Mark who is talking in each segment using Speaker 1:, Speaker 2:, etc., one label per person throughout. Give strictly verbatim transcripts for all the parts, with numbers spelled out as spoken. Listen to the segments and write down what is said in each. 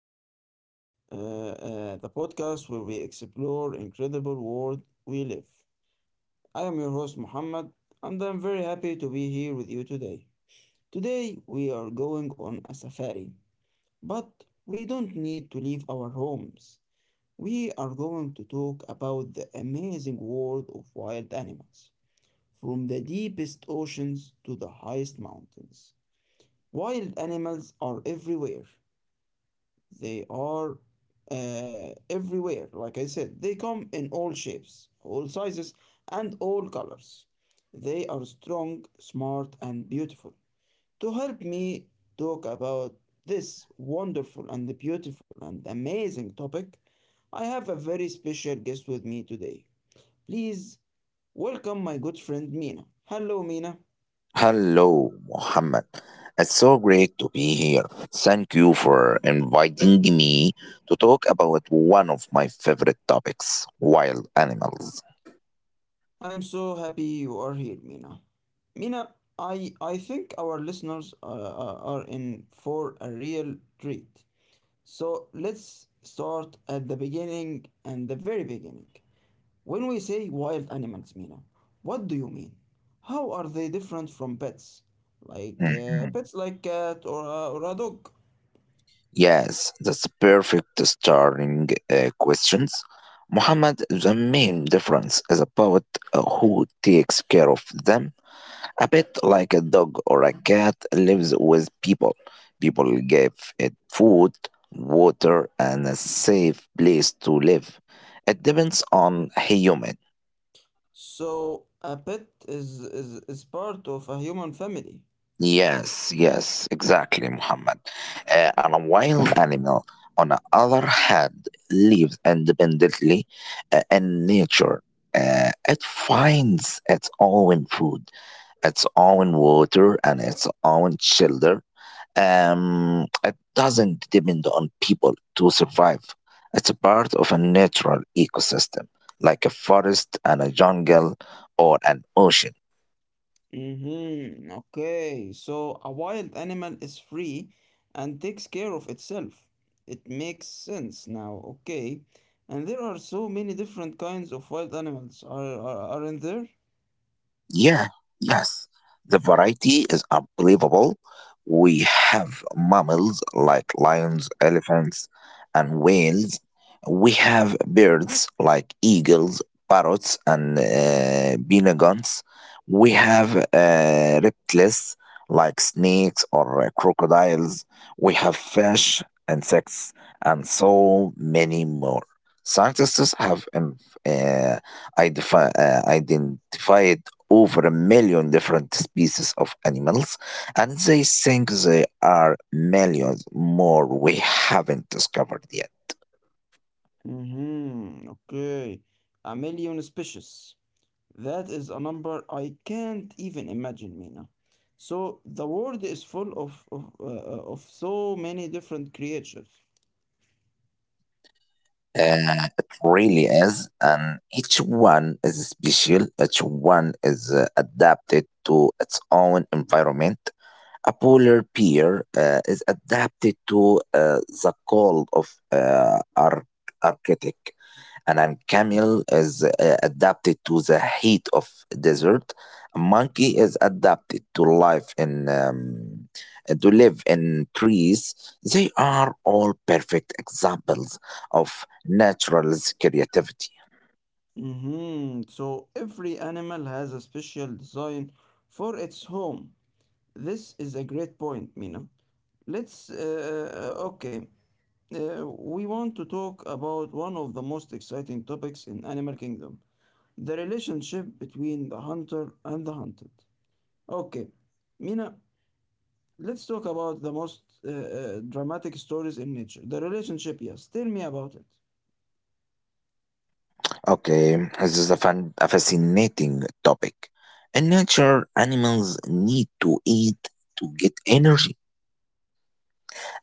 Speaker 1: Minds, uh, uh, the podcast where we explore incredible world we live. I am your host Muhammad, and I'm very happy to be here with you today. Today we are going on a safari, but we don't need to leave our homes. We are going to talk about the amazing world of wild animals, from the deepest oceans to the highest mountains. Wild animals are everywhere, they are uh, everywhere. Like I said, they come in all shapes, all sizes, and all colors. They are strong, smart, and beautiful. To help me talk about this wonderful and beautiful and amazing topic, I have a very special guest with me today. Please welcome my good friend Mina. Hello, Mina.
Speaker 2: Hello, Mohammed. It's so great to be here. Thank you for inviting me to talk about one of my favorite topics wild animals.
Speaker 1: I am so happy you are here, Mina. Mina, I, I think our listeners uh, are are in for a real treat. So let's start at the beginning and the very beginning. When we say wild animals, Mina, what do you mean? How are they different from pets? Like uh,
Speaker 2: Mhm.
Speaker 1: pets like cat or a, or a dog.
Speaker 2: Yes, that's perfect starting uh, questions. Mohammed, the main difference is about uh, who takes care of them. A pet like a dog or a cat lives with people. People give it food, water, and a safe place to live. It depends on human.
Speaker 1: So a pet is, is, is part of a human family.
Speaker 2: Yes, yes, exactly, Muhammad. Uh, and a wild animal, on the other hand, lives independently uh, in nature. Uh, it finds its own food, its own water, and its own shelter. Um, it doesn't depend on people to survive. It's a part of a natural ecosystem, like a forest and a jungle or an ocean.
Speaker 1: Mm-hmm. Okay, so a wild animal is free and takes care of itself. It makes sense now, okay. And there are so many different kinds of wild animals, are, are, aren't there?
Speaker 2: Yeah, yes. The variety is unbelievable. We have mammals like lions, elephants, and whales. We have birds like eagles, parrots, and uh, penguins. We have uh, reptiles like snakes or uh, crocodiles. We have fish, insects, and so many more. Scientists have um, uh, identifi- uh, identified over a million different species of animals, and they think there are millions more we haven't discovered yet.
Speaker 1: Mm-hmm. Okay, a million species. That is a number I can't even imagine, Mina. So the world is full of, of, uh, uh, of so many different creatures.
Speaker 2: Uh, it really is, and each one is special. Each one is uh, adapted to its own environment. A polar bear uh, is adapted to uh, the cold of uh, Ar- Arctic, and an camel is uh, adapted to the heat of desert. A monkey is adapted to life in um, uh, to live in trees. They are all perfect examples of natural's creativity.
Speaker 1: Mhm, so every animal has a special design for its home. This is a great point, Mina. Let's, uh, uh, okay, uh, we want to talk about one of the most exciting topics in Animal Kingdom, the relationship between the hunter and the hunted. Okay, Mina, let's talk about the most uh, uh, dramatic stories in nature. The relationship, yes. Tell me about it.
Speaker 2: Okay, this is a, fun, a fascinating topic. In nature, animals need to eat to get energy,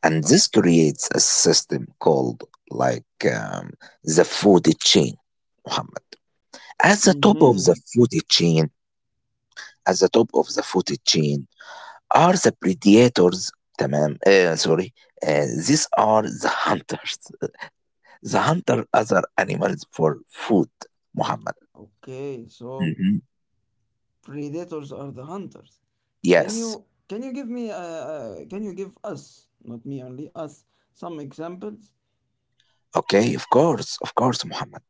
Speaker 2: and this creates a system called like um, the food chain. Muhammad. At the top of the
Speaker 1: Mm-hmm.
Speaker 2: food chain, at the top of the food chain are the predators. تمام آه sorry آه these are the hunters. The hunter other animals for food. Muhammad.
Speaker 1: Okay, so
Speaker 2: Mhm.
Speaker 1: predators are the hunters. Can
Speaker 2: Yes.
Speaker 1: you can you give me uh, uh can you give us not me only us some examples?
Speaker 2: Okay. Of course. Of course, Muhammad.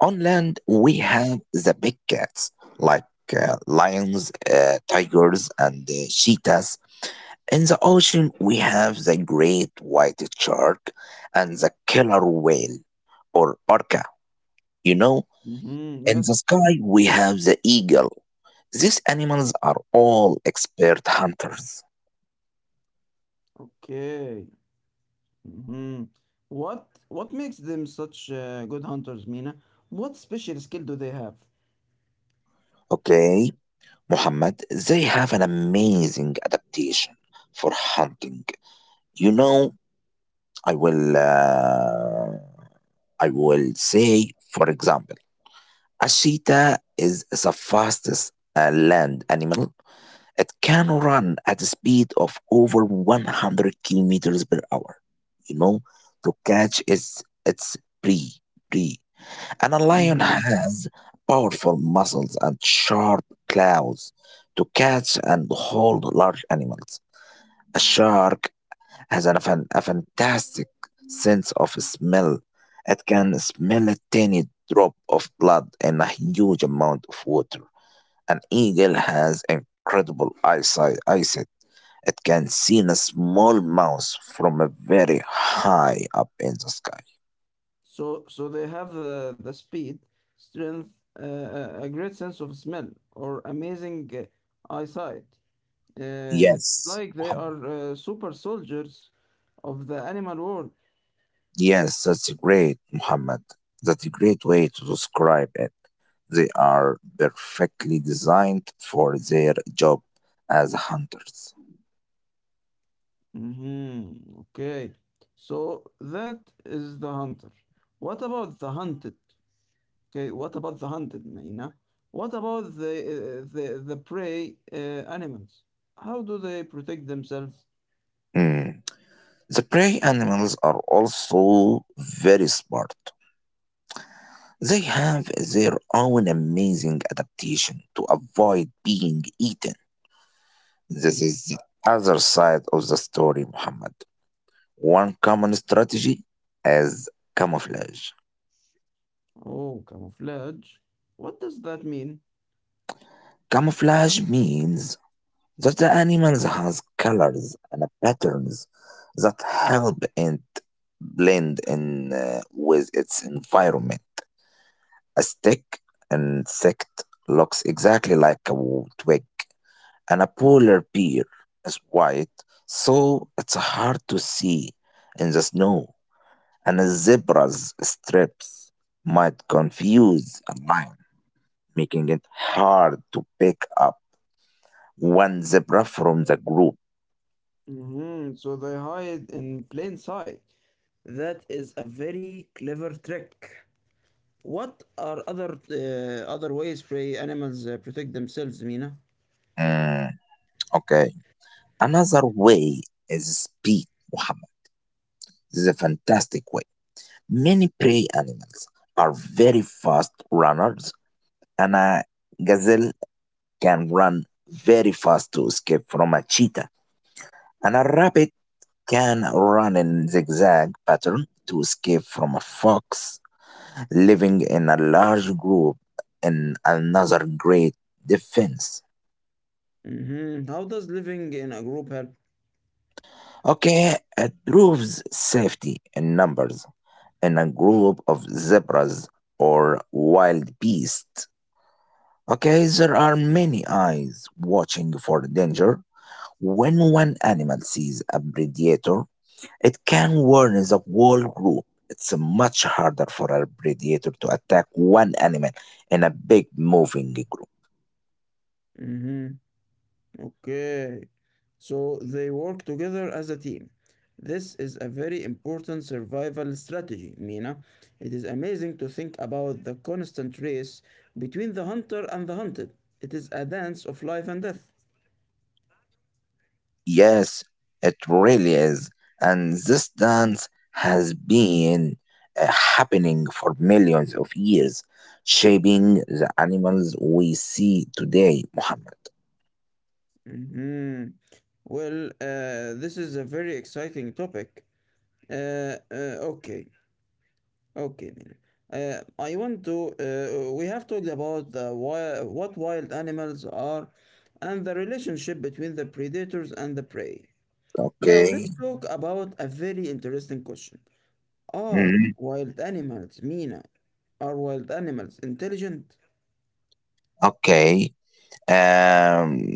Speaker 2: On land, we have the big cats like uh, lions, uh, tigers, and uh, cheetahs. In the ocean, we have the great white shark and the killer whale, or orca. You know,
Speaker 1: Mm-hmm.
Speaker 2: in the
Speaker 1: Yes.
Speaker 2: sky, we have the eagle. These animals are all expert hunters.
Speaker 1: Okay. Mm-hmm. What what makes them such uh, good hunters, Mina? What special skill do they have?
Speaker 2: Okay, Muhammad, they have an amazing adaptation for hunting. You know, I will, uh, I will say, for example, a cheetah is the fastest uh, land animal. It can run at a speed of over one hundred kilometers per hour kilometers per hour, you know, to catch its, its prey, prey. And a lion
Speaker 1: Mm-hmm.
Speaker 2: has powerful muscles and sharp claws to catch and hold large animals. A shark has an, a fan- a fantastic sense of smell. It can smell a tiny drop of blood in a huge amount of water. An eagle has incredible eyesight, eyesight It can see a small mouse from a very high up in the sky.
Speaker 1: So so they have uh, the speed, strength, uh, uh, a great sense of smell, or amazing uh, eyesight. Uh, it's
Speaker 2: Yes,
Speaker 1: like they
Speaker 2: Muhammad.
Speaker 1: are uh, super soldiers of the animal world.
Speaker 2: yes, that's great, Muhammad. That's a great way to describe it. They are perfectly designed for their job as hunters.
Speaker 1: Mm-hmm. Okay. So that is the hunter. What about the hunted? Okay. What about the hunted, Maina? What about the uh, the the prey uh, animals? How do they protect themselves?
Speaker 2: Mm. The prey animals are also very smart. They have their own amazing adaptation to avoid being eaten. This is the other side of the story, Muhammad. One common strategy is camouflage.
Speaker 1: Oh, camouflage. What does that mean?
Speaker 2: Camouflage means that the animal has colors and patterns that help it blend in uh, with its environment. A stick insect looks exactly like a w- twig, and a polar bear is white, so it's hard to see in the snow. And a zebra's stripes might confuse a lion making it hard to pick up one zebra from the group.
Speaker 1: Mhm, so they hide in plain sight. That is a very clever trick. What are other uh, other ways prey animals uh, protect themselves, Mina?
Speaker 2: Mm, okay. Another way is speed, Muhammad. This is a fantastic way. Many prey animals are very fast runners, and a gazelle can run very fast to escape from a cheetah, and a rabbit can run in zigzag pattern to escape from a fox. Living in a large group in another great defense.
Speaker 1: Hmm How does living in a group help?
Speaker 2: Okay, it proves safety in numbers in a group of zebras or wild beasts. Okay, there are many eyes watching for danger. When one animal sees a predator, it can warn the whole group. It's much harder for a predator to attack one animal in a big moving group.
Speaker 1: Hmm Okay. So they work together as a team. This is a very important survival strategy, Mina. It is amazing to think about the constant race between the hunter and the hunted. It is a dance of life and death.
Speaker 2: Yes, it really is. And this dance has been uh, happening for millions of years, shaping the animals we see today, Muhammad.
Speaker 1: Mhm. Well, uh, this is a very exciting topic. Uh, uh, okay, okay, Mina. Uh, I want to. Uh, we have talked about the wild, what wild animals are and the relationship between the predators and the prey. Now,
Speaker 2: Okay.
Speaker 1: let's talk about a very interesting question. Are
Speaker 2: Mhm.
Speaker 1: wild animals, Mina, are wild animals intelligent?
Speaker 2: Okay. Um,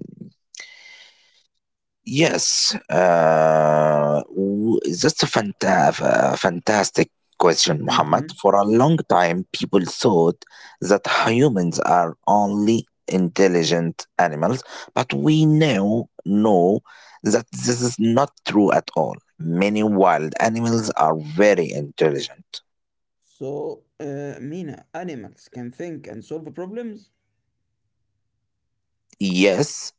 Speaker 2: Yes, uh, w- that's a fanta- a fantastic question, Muhammad.
Speaker 1: Mm-hmm.
Speaker 2: For a long time, people thought that humans are only intelligent animals, but we now know that this is not true at all. Many wild animals are very intelligent.
Speaker 1: So, uh, Mina, animals can think and solve problems?
Speaker 2: Yes,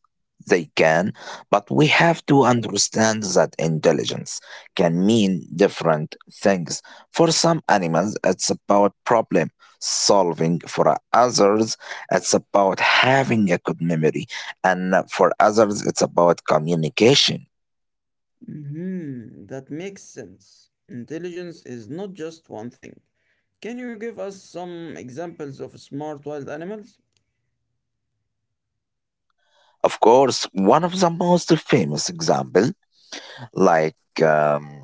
Speaker 2: they can, but we have to understand that intelligence can mean different things. For some animals, it's about problem solving. For others, it's about having a good memory. And for others, it's about communication.
Speaker 1: Hmm That makes sense. Intelligence is not just one thing. Can you give us some examples of smart wild animals?
Speaker 2: Of course, one of the most famous examples. Like, um,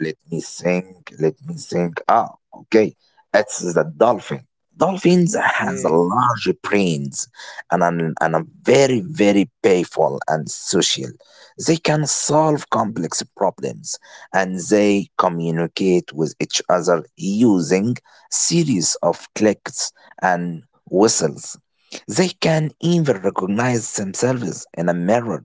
Speaker 2: let me think, let me think. Ah, okay. It's the dolphin. Dolphins has a
Speaker 1: Okay.
Speaker 2: large brains and an, and a very very playful and social. They can solve complex problems and they communicate with each other using series of clicks and whistles. They can even recognize themselves in a mirror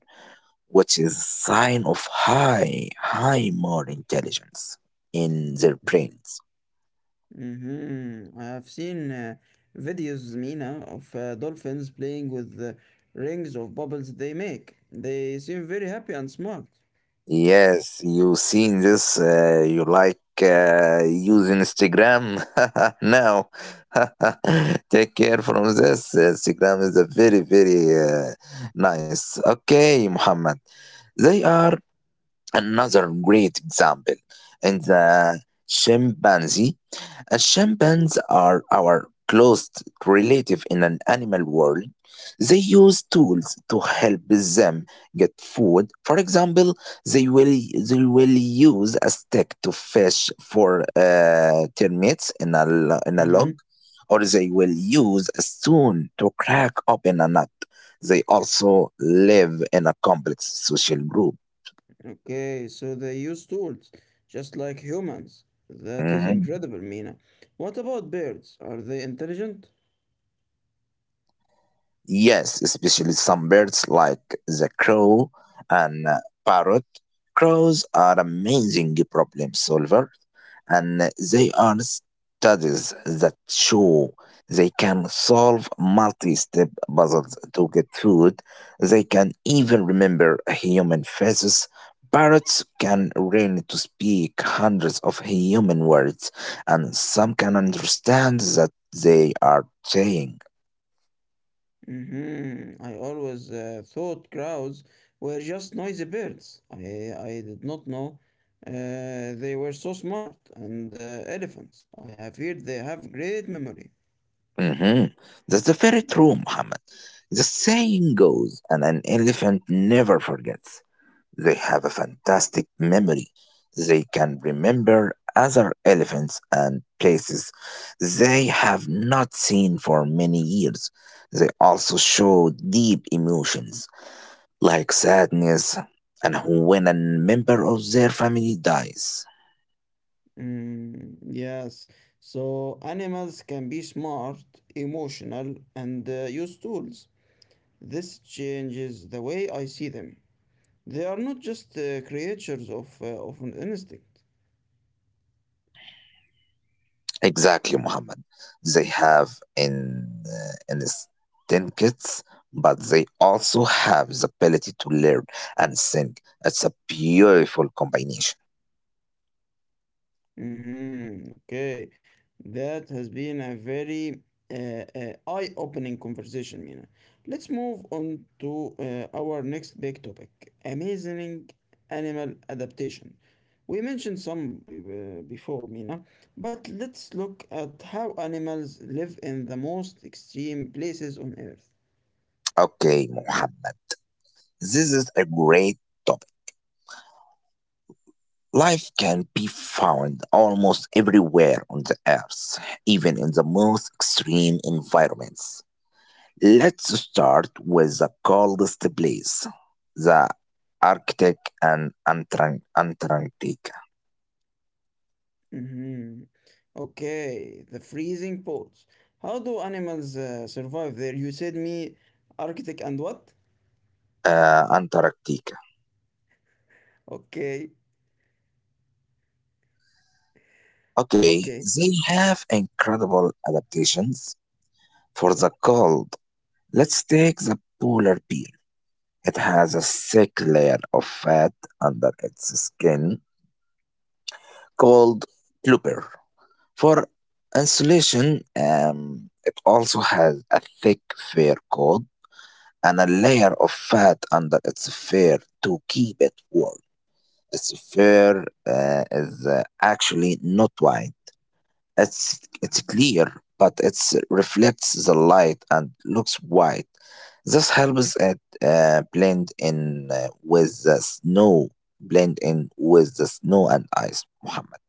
Speaker 2: which is sign of high, high more intelligence in their brains.
Speaker 1: Mm-hmm. I have seen uh, videos, Mina, of uh, dolphins playing with the rings of bubbles they make. They seem very happy and smart.
Speaker 2: Yes, you seen this? Uh, you like uh, use Instagram now? Take care from this. Instagram is a very very uh, nice. Okay, Muhammad. They are Another great example in the chimpanzee. Uh, chimpanzees are our closest relative in an animal world. They use tools to help them get food. For example, they will they will use a stick to fish for uh, termites in a lo- in a
Speaker 1: Mm-hmm.
Speaker 2: log, or they will use a spoon to crack open a nut. They also live in a complex social group.
Speaker 1: Okay, so they use tools, just like humans. That is
Speaker 2: Mm-hmm.
Speaker 1: incredible, Mina. What about birds? Are they intelligent?
Speaker 2: Yes, especially some birds like the crow and uh, parrot. Crows are amazing problem solvers, and they are studies that show they can solve multi-step puzzles to get food. They can even remember human faces. Parrots can learn to speak hundreds of human words, and some can understand that they are saying.
Speaker 1: Hmm I always uh, thought crows were just noisy birds. I, I did not know uh, they were so smart. And uh, elephants, I have heard they have great memory.
Speaker 2: Hmm. That's very true, Muhammad. The saying goes, and an elephant never forgets. They have a fantastic memory. They can remember other elephants and places they have not seen for many years. They also show deep emotions like sadness and when a member of their family dies.
Speaker 1: Mm, yes, so animals can be smart, emotional, and uh, use tools. This changes the way I see them. They are not just uh, creatures of, uh, of an instinct.
Speaker 2: Exactly, Muhammad. They have in uh, instincts, but they also have the ability to learn and think. It's a beautiful combination.
Speaker 1: Mm-hmm. Okay. That has been a very uh, uh, eye-opening conversation, Mina. Let's move on to uh, our next big topic, amazing animal adaptation. We mentioned some b- uh, before, Mina, but let's look at how animals live in the most extreme places on Earth.
Speaker 2: Okay, Muhammad. This is a great topic. Life can be found almost everywhere on the earth, even in the most extreme environments. Let's start with the coldest place, the Arctic and Antarct- Antarctic.
Speaker 1: Mm-hmm. Okay, the freezing poles. How do animals uh, survive there? You said me, Arctic and what?
Speaker 2: uh, Antarctica.
Speaker 1: Okay,
Speaker 2: Okay,
Speaker 1: okay,
Speaker 2: they have incredible adaptations for the cold. Let's take the polar bear. It has a thick layer of fat under its skin called blubber. For insulation, um, it also has a thick fur coat and a layer of fat under its fur to keep it warm. Its fur uh, is uh, actually not white. It's it's clear, but it reflects the light and looks white. This helps it uh, blend in uh, with the snow, blend in with the snow and ice, Muhammad.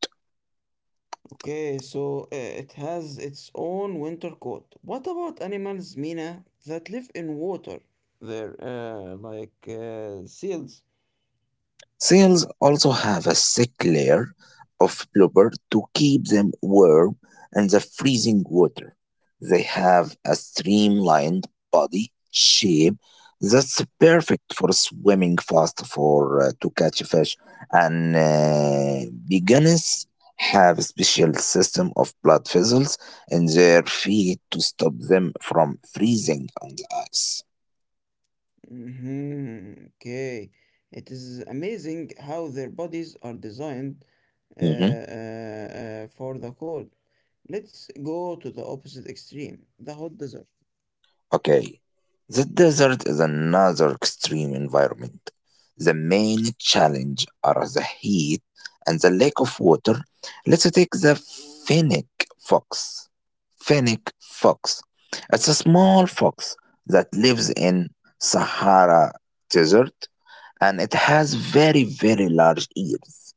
Speaker 1: okay. So uh, it has its own winter coat. What about animals, Mina, that live in water? They're uh, like uh, seals.
Speaker 2: Seals also have a thick layer of blubber to keep them warm in the freezing water. They have a streamlined body shape that's perfect for swimming fast for uh, to catch fish and uh, beginners have a special system of blood vessels in their feet to stop them from freezing on the ice.
Speaker 1: Mm-hmm. Okay. It is amazing how their bodies are designed uh, uh, uh, for the cold. Let's go to the opposite extreme, the hot desert.
Speaker 2: Okay, the desert is another extreme environment. The main challenge are the heat and the lack of water. Let's take the fennec fox. Fennec fox. It's a small fox that lives in Sahara Desert and it has very, very large ears.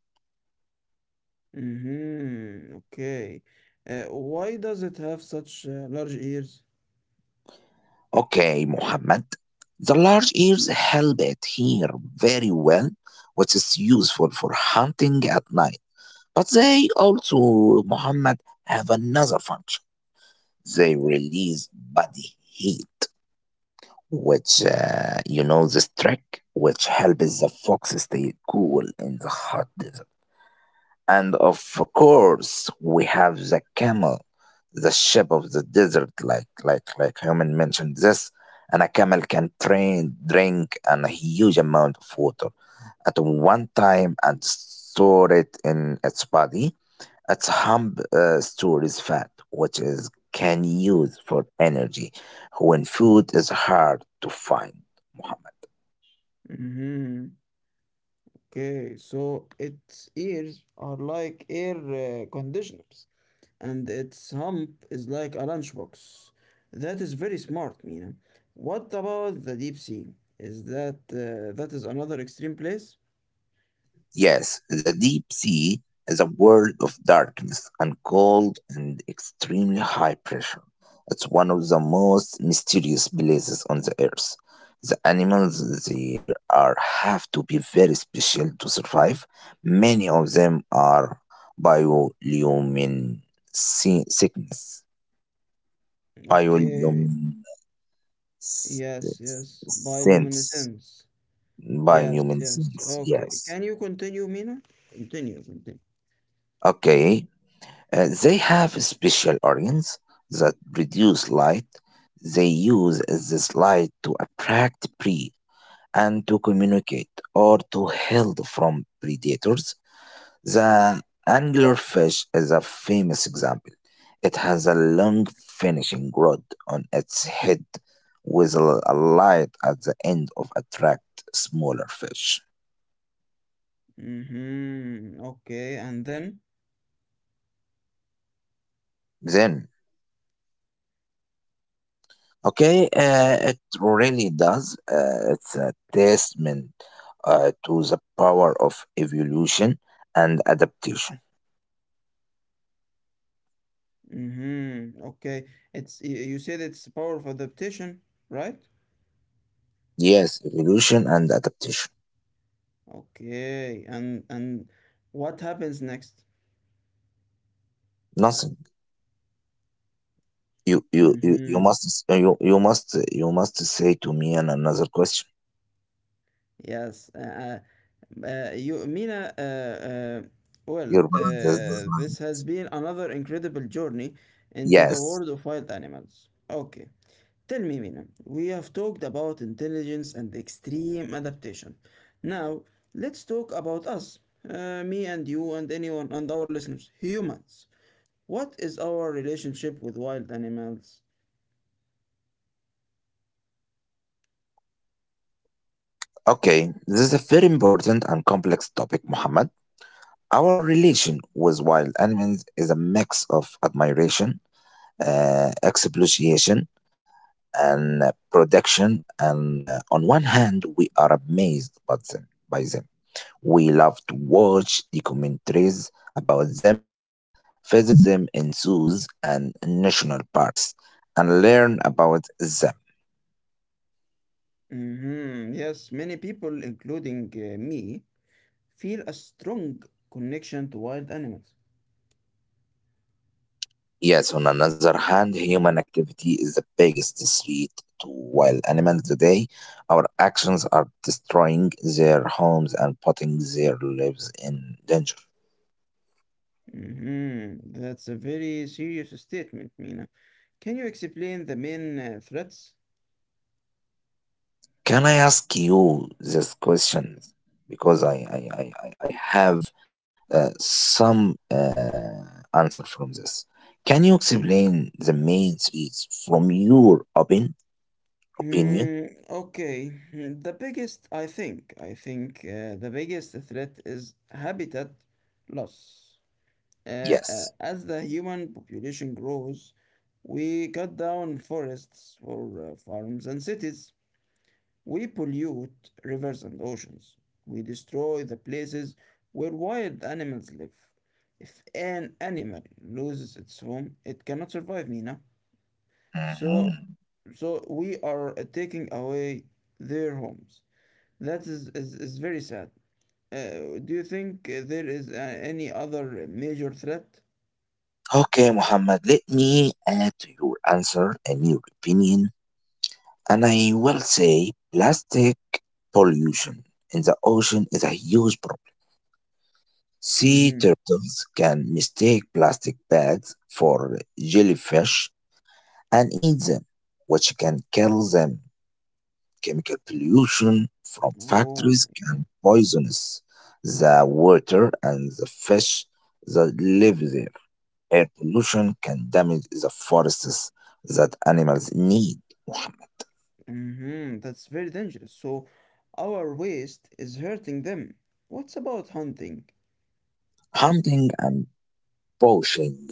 Speaker 1: Mm-hmm. Okay. Uh, why does it have such uh, large ears?
Speaker 2: Okay, Muhammad. The large ears help it hear very well, which is useful for hunting at night. But they also, Muhammad, have another function. They release body heat, which, uh, you know, this trick, which helps the fox stay cool in the hot desert. And of course, we have the camel, the sheep of the desert, like like like Herman mentioned this. And a camel can train, drink and a huge amount of water at one time and store it in its body. Its hump uh, stores fat, which is can use for energy when food is hard to find. Muhammad.
Speaker 1: Mm-hmm. Okay, so its ears are like air uh, conditioners, and its hump is like a lunchbox. That is very smart, Mina. What about the deep sea? Is that uh, that is another extreme place?
Speaker 2: Yes, the deep sea is a world of darkness and cold and extremely high pressure. It's one of the most mysterious places on the earth. The animals there are have to be very special to survive. Many of them are bioluminescent.
Speaker 1: Okay,
Speaker 2: Bioluminescence.
Speaker 1: yes, yes,
Speaker 2: Sense.
Speaker 1: bioluminescence. Yes, yes.
Speaker 2: Bioluminescence.
Speaker 1: Okay,
Speaker 2: Yes.
Speaker 1: can you continue, Mina? Continue, continue.
Speaker 2: Okay. Uh, they have special organs that produce light. They use this light to attract prey and to communicate or to hide from predators. The anglerfish is a famous example. It has a long finishing rod on its head with a, a light at the end of attract smaller fish.
Speaker 1: Mm-hmm. Okay, and then.
Speaker 2: Then, okay, uh, it really does. Uh, it's a testament uh, to the power of evolution and adaptation.
Speaker 1: Mm-hmm. Okay, it's y- you said it's power of adaptation, right?
Speaker 2: Yes, evolution and adaptation.
Speaker 1: Okay, and and what happens next?
Speaker 2: Nothing. You you you, you
Speaker 1: hmm
Speaker 2: must you you must you must say to me an another question.
Speaker 1: Yes, uh, uh, uh, you, Mina. Uh, uh, well,
Speaker 2: Your balance is the
Speaker 1: uh,
Speaker 2: mind.
Speaker 1: this has been another incredible journey into the world
Speaker 2: Yes.
Speaker 1: of wild animals. Okay, tell me, Mina. We have talked about intelligence and extreme adaptation. Now, let's talk about us, uh, me and you and anyone and our listeners, humans. What is our relationship with wild animals?
Speaker 2: Okay. This is a very important and complex topic, Muhammad. Our relation with wild animals is a mix of admiration, uh, exploitation, and uh, protection. And uh, on one hand, we are amazed by them, by them. We love to watch documentaries about them, visit them in zoos and national parks, and learn about.
Speaker 1: Mhm. Yes, many people, including uh, me, feel a strong connection to wild animals.
Speaker 2: Yes, on another hand, human activity is the biggest threat to wild animals today. Our actions are destroying their homes and putting their lives in danger.
Speaker 1: Mhm. That's a very serious statement, Mina. Can you explain the main uh, threats?
Speaker 2: Can I ask you this question? Because I, I, I, I I have uh, some uh, answer from this. Can you explain the main threats from your opin opinion?
Speaker 1: Hmm, okay. Hmm, the biggest, I think, I think uh, the biggest threat is habitat loss. Uh, uh,
Speaker 2: Yes.
Speaker 1: as the human population grows, we cut down forests for uh, farms and cities. We pollute rivers and oceans. We destroy the places where wild animals live. If an animal loses its home, it cannot survive, Mina. So,
Speaker 2: Mm-hmm.
Speaker 1: so we are uh, taking away their homes. That is, is, is very sad. Uh, do you think uh, there is uh, any other major threat?
Speaker 2: Okay, Muhammad, let me add to your answer a new opinion, and I will say plastic pollution in the ocean is a huge problem. Sea
Speaker 1: Mm-hmm.
Speaker 2: turtles can mistake plastic bags for jellyfish and eat them, which can kill them. Chemical pollution from
Speaker 1: Oh my
Speaker 2: factories
Speaker 1: God.
Speaker 2: can poison the water and the fish that live there. Air pollution can damage the forests that animals need.
Speaker 1: Mm-hmm. That's very dangerous. So our waste is hurting them. What's about hunting?
Speaker 2: Hunting and poaching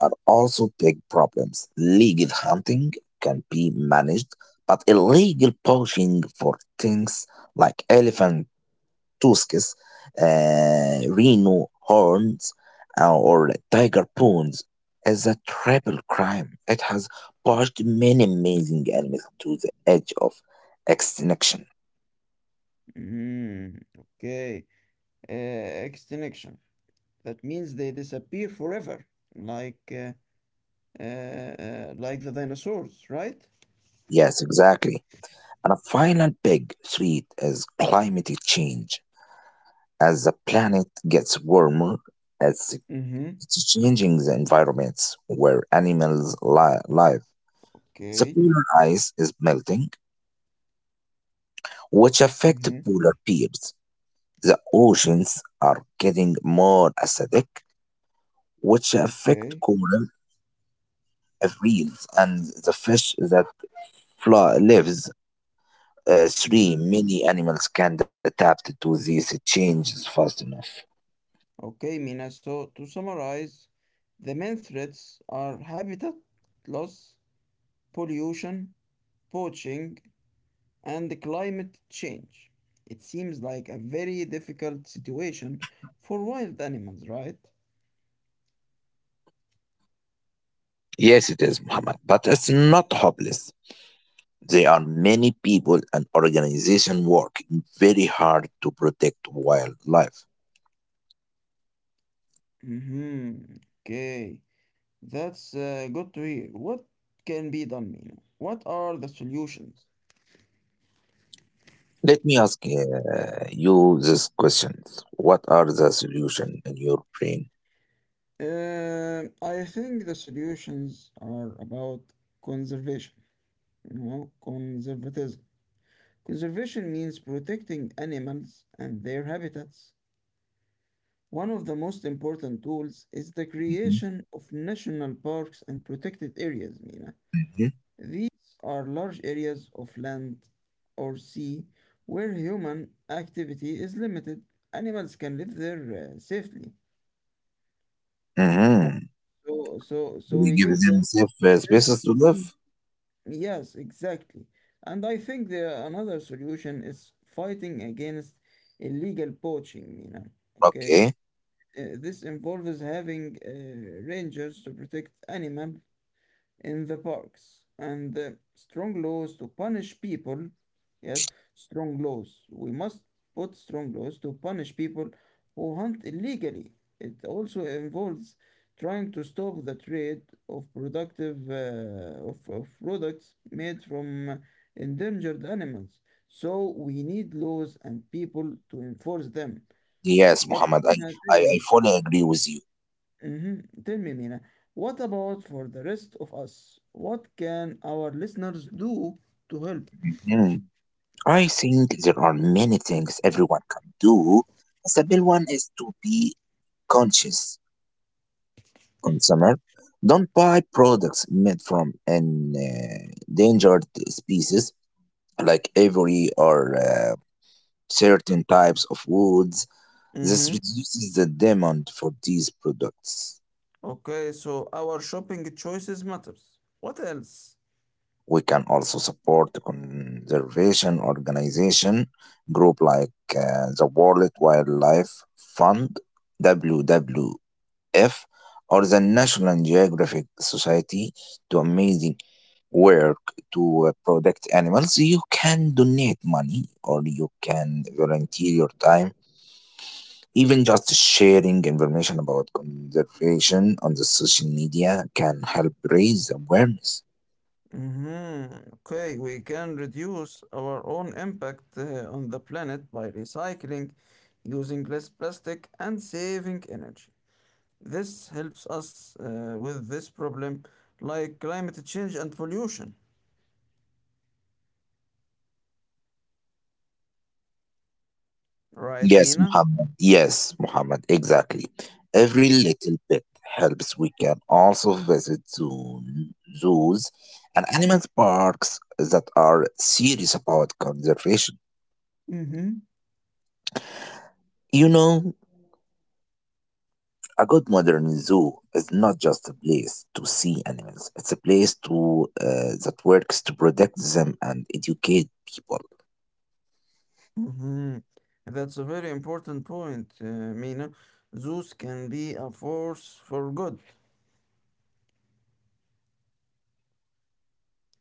Speaker 2: are also big problems. Legal hunting can be managed, but illegal poaching for things like elephant tusks, uh, rhino horns, uh, or tiger bones is a triple crime. It has pushed many amazing animals to the edge of extinction.
Speaker 1: Mm, okay. Uh, extinction. That means they disappear forever, like uh, uh, uh, like the dinosaurs, right?
Speaker 2: Yes, exactly. And a final big threat is climate change. As the planet gets warmer, it's,
Speaker 1: Mm-hmm.
Speaker 2: it's changing the environments where animals li- live. The
Speaker 1: Okay.
Speaker 2: polar ice is melting, which affects
Speaker 1: Mm-hmm.
Speaker 2: polar bears. The oceans are getting more acidic, which
Speaker 1: Okay.
Speaker 2: affect coral reefs and the fish that fly, lives uh,
Speaker 1: Mm.
Speaker 2: three many animals can't adapt to these changes fast enough.
Speaker 1: Okay, Mina. So to summarize, the main threats are habitat loss, pollution, poaching, and climate change. It seems like a very difficult situation for wild animals, right?
Speaker 2: Yes, it is, Muhammad, but it's not hopeless. There are many people and organizations working very hard to protect wildlife.
Speaker 1: Mm-hmm. Okay. That's uh, good to hear. What can be done, Mina? What are the solutions?
Speaker 2: Let me ask uh, you this question. What are the solutions in your brain?
Speaker 1: Uh, I think the solutions are about conservation, you know, conservatism. Conservation means protecting animals and their habitats. One of the most important tools is the creation of national parks and protected areas, Mina.
Speaker 2: Mhm.
Speaker 1: These are large areas of land or sea where human activity is limited. Animals can live there uh, safely, right?
Speaker 2: Mm-hmm.
Speaker 1: So, so, so
Speaker 2: Will
Speaker 1: we
Speaker 2: he give
Speaker 1: give them.
Speaker 2: himself uh,
Speaker 1: Safe-
Speaker 2: spaces to live?
Speaker 1: yes, exactly. And I think the another solution is fighting against illegal poaching, you know. Okay,
Speaker 2: Okay.
Speaker 1: uh, this involves having uh, rangers to protect animal in the parks and uh, strong laws to punish people. Yes, strong laws. We must put strong laws to punish people who hunt illegally. It also involves trying to stop the trade of productive uh, of, of products made from endangered animals. So we need laws and people to enforce them.
Speaker 2: Yes,
Speaker 1: But
Speaker 2: Muhammad, I,
Speaker 1: Rina, tell
Speaker 2: I, I
Speaker 1: me,
Speaker 2: fully agree with you.
Speaker 1: Mhm. Tell me, Mina, what about for the rest of us? What can our listeners do to help?
Speaker 2: Mhm. I think there are many things everyone can do. The main one is to be conscious consumer. Don't buy products made from an uh, endangered species like ivory or uh, certain types of woods. This
Speaker 1: Mm-hmm.
Speaker 2: reduces the demand for these products.
Speaker 1: Okay, so our shopping choices matters. What else?
Speaker 2: We can also support conservation organization group like uh, the World Wildlife Fund W W F or the National Geographic Society to amazing work to uh, protect animals. You can donate money or you can volunteer your time. Even just sharing information about conservation on the social media can help raise awareness.
Speaker 1: Mm-hmm. Okay, we can reduce our own impact uh, on the planet by recycling, using less plastic, and saving energy. This helps us uh, with this problem like climate change and pollution. Right,
Speaker 2: Yes,
Speaker 1: Mina?
Speaker 2: Muhammad. Yes, Muhammad. Exactly. Every little bit helps. We can also visit zoo, zoos and animal parks that are serious about conservation. You know, a good modern zoo is not just a place to see animals. It's a place to uh, that works to protect them and educate people.
Speaker 1: Mhm. That's a very important point, uh, Mina. Zeus can be a force for good,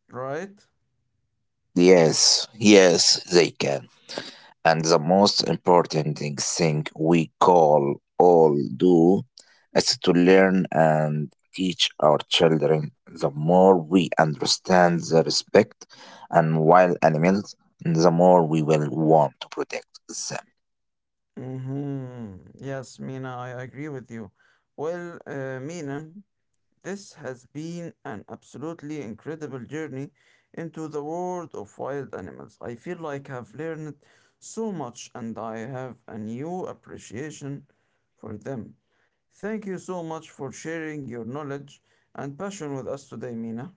Speaker 1: right?
Speaker 2: Yes, yes, they can. And the most important thing thing we call all do is to learn and teach our children. The more we understand the respect and wild animals, the more we will want to protect them.
Speaker 1: hmm Yes, Mina, I agree with you. Well, uh, Mina, this has been an absolutely incredible journey into the world of wild animals. I feel like I've learned so much and I have a new appreciation for them. Thank you so much for sharing your knowledge and passion with us today, Mina.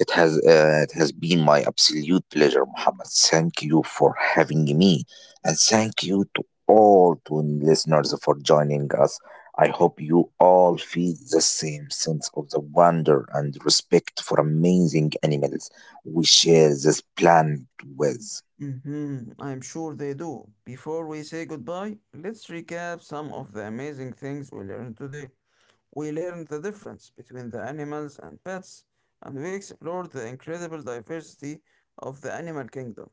Speaker 2: It has uh, it has been my absolute pleasure, Muhammad. Thank you for having me, and thank you to all to listeners for joining us. I hope you all feel the same sense of the wonder and respect for amazing animals we share this planet with.
Speaker 1: Hmm I'm sure they do. Before we say goodbye, let's recap some of the amazing things we learned today. We learned the difference between the animals and pets, and we explored the incredible diversity of the animal kingdom.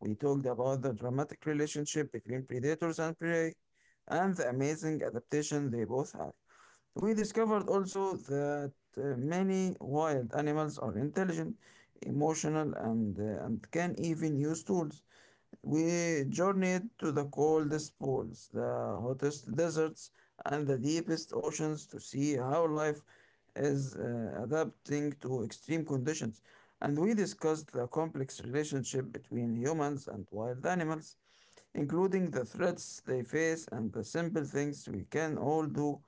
Speaker 1: We talked about the dramatic relationship between predators and prey, and the amazing adaptation they both have. We discovered also that uh, many wild animals are intelligent, emotional, and, uh, and can even use tools. We journeyed to the coldest poles, the hottest deserts, and the deepest oceans to see how life is uh, adapting to extreme conditions. And we discussed the complex relationship between humans and wild animals, including the threats they face and the simple things we can all do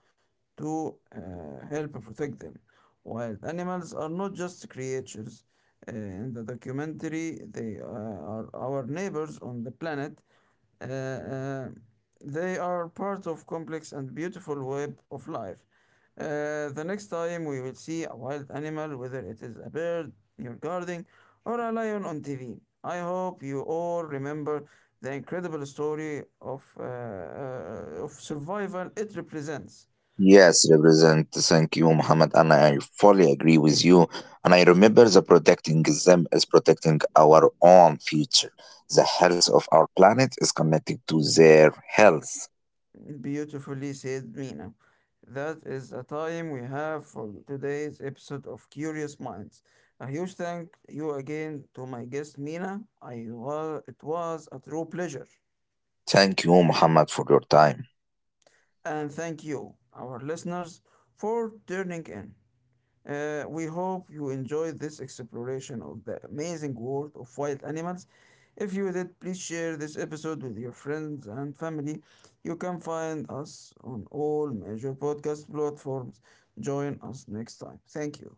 Speaker 1: to uh, help protect them. Wild animals are not just creatures. Uh, in the documentary, they uh, are our neighbors on the planet. Uh, uh, they are part of complex and beautiful web of life. Uh, the next time we will see a wild animal, whether it is a bird in your garden or a lion on T V. I hope you all remember the incredible story of, uh, uh, of survival it represents.
Speaker 2: Yes, represent. Thank you, Muhammad. And I fully agree with you. And I remember the protecting them is protecting our own future. The health of our planet is connected to their health.
Speaker 1: Beautifully said, Mina. That is the time we have for today's episode of Curious Minds. A huge thank you again to my guest, Mina. I wa- it was a true pleasure.
Speaker 2: Thank you, Muhammad, for your time.
Speaker 1: And thank you, our listeners, for tuning in. Uh, we hope you enjoyed this exploration of the amazing world of wild animals. If you did, please share this episode with your friends and family. You can find us on all major podcast platforms. Join us next time. Thank you.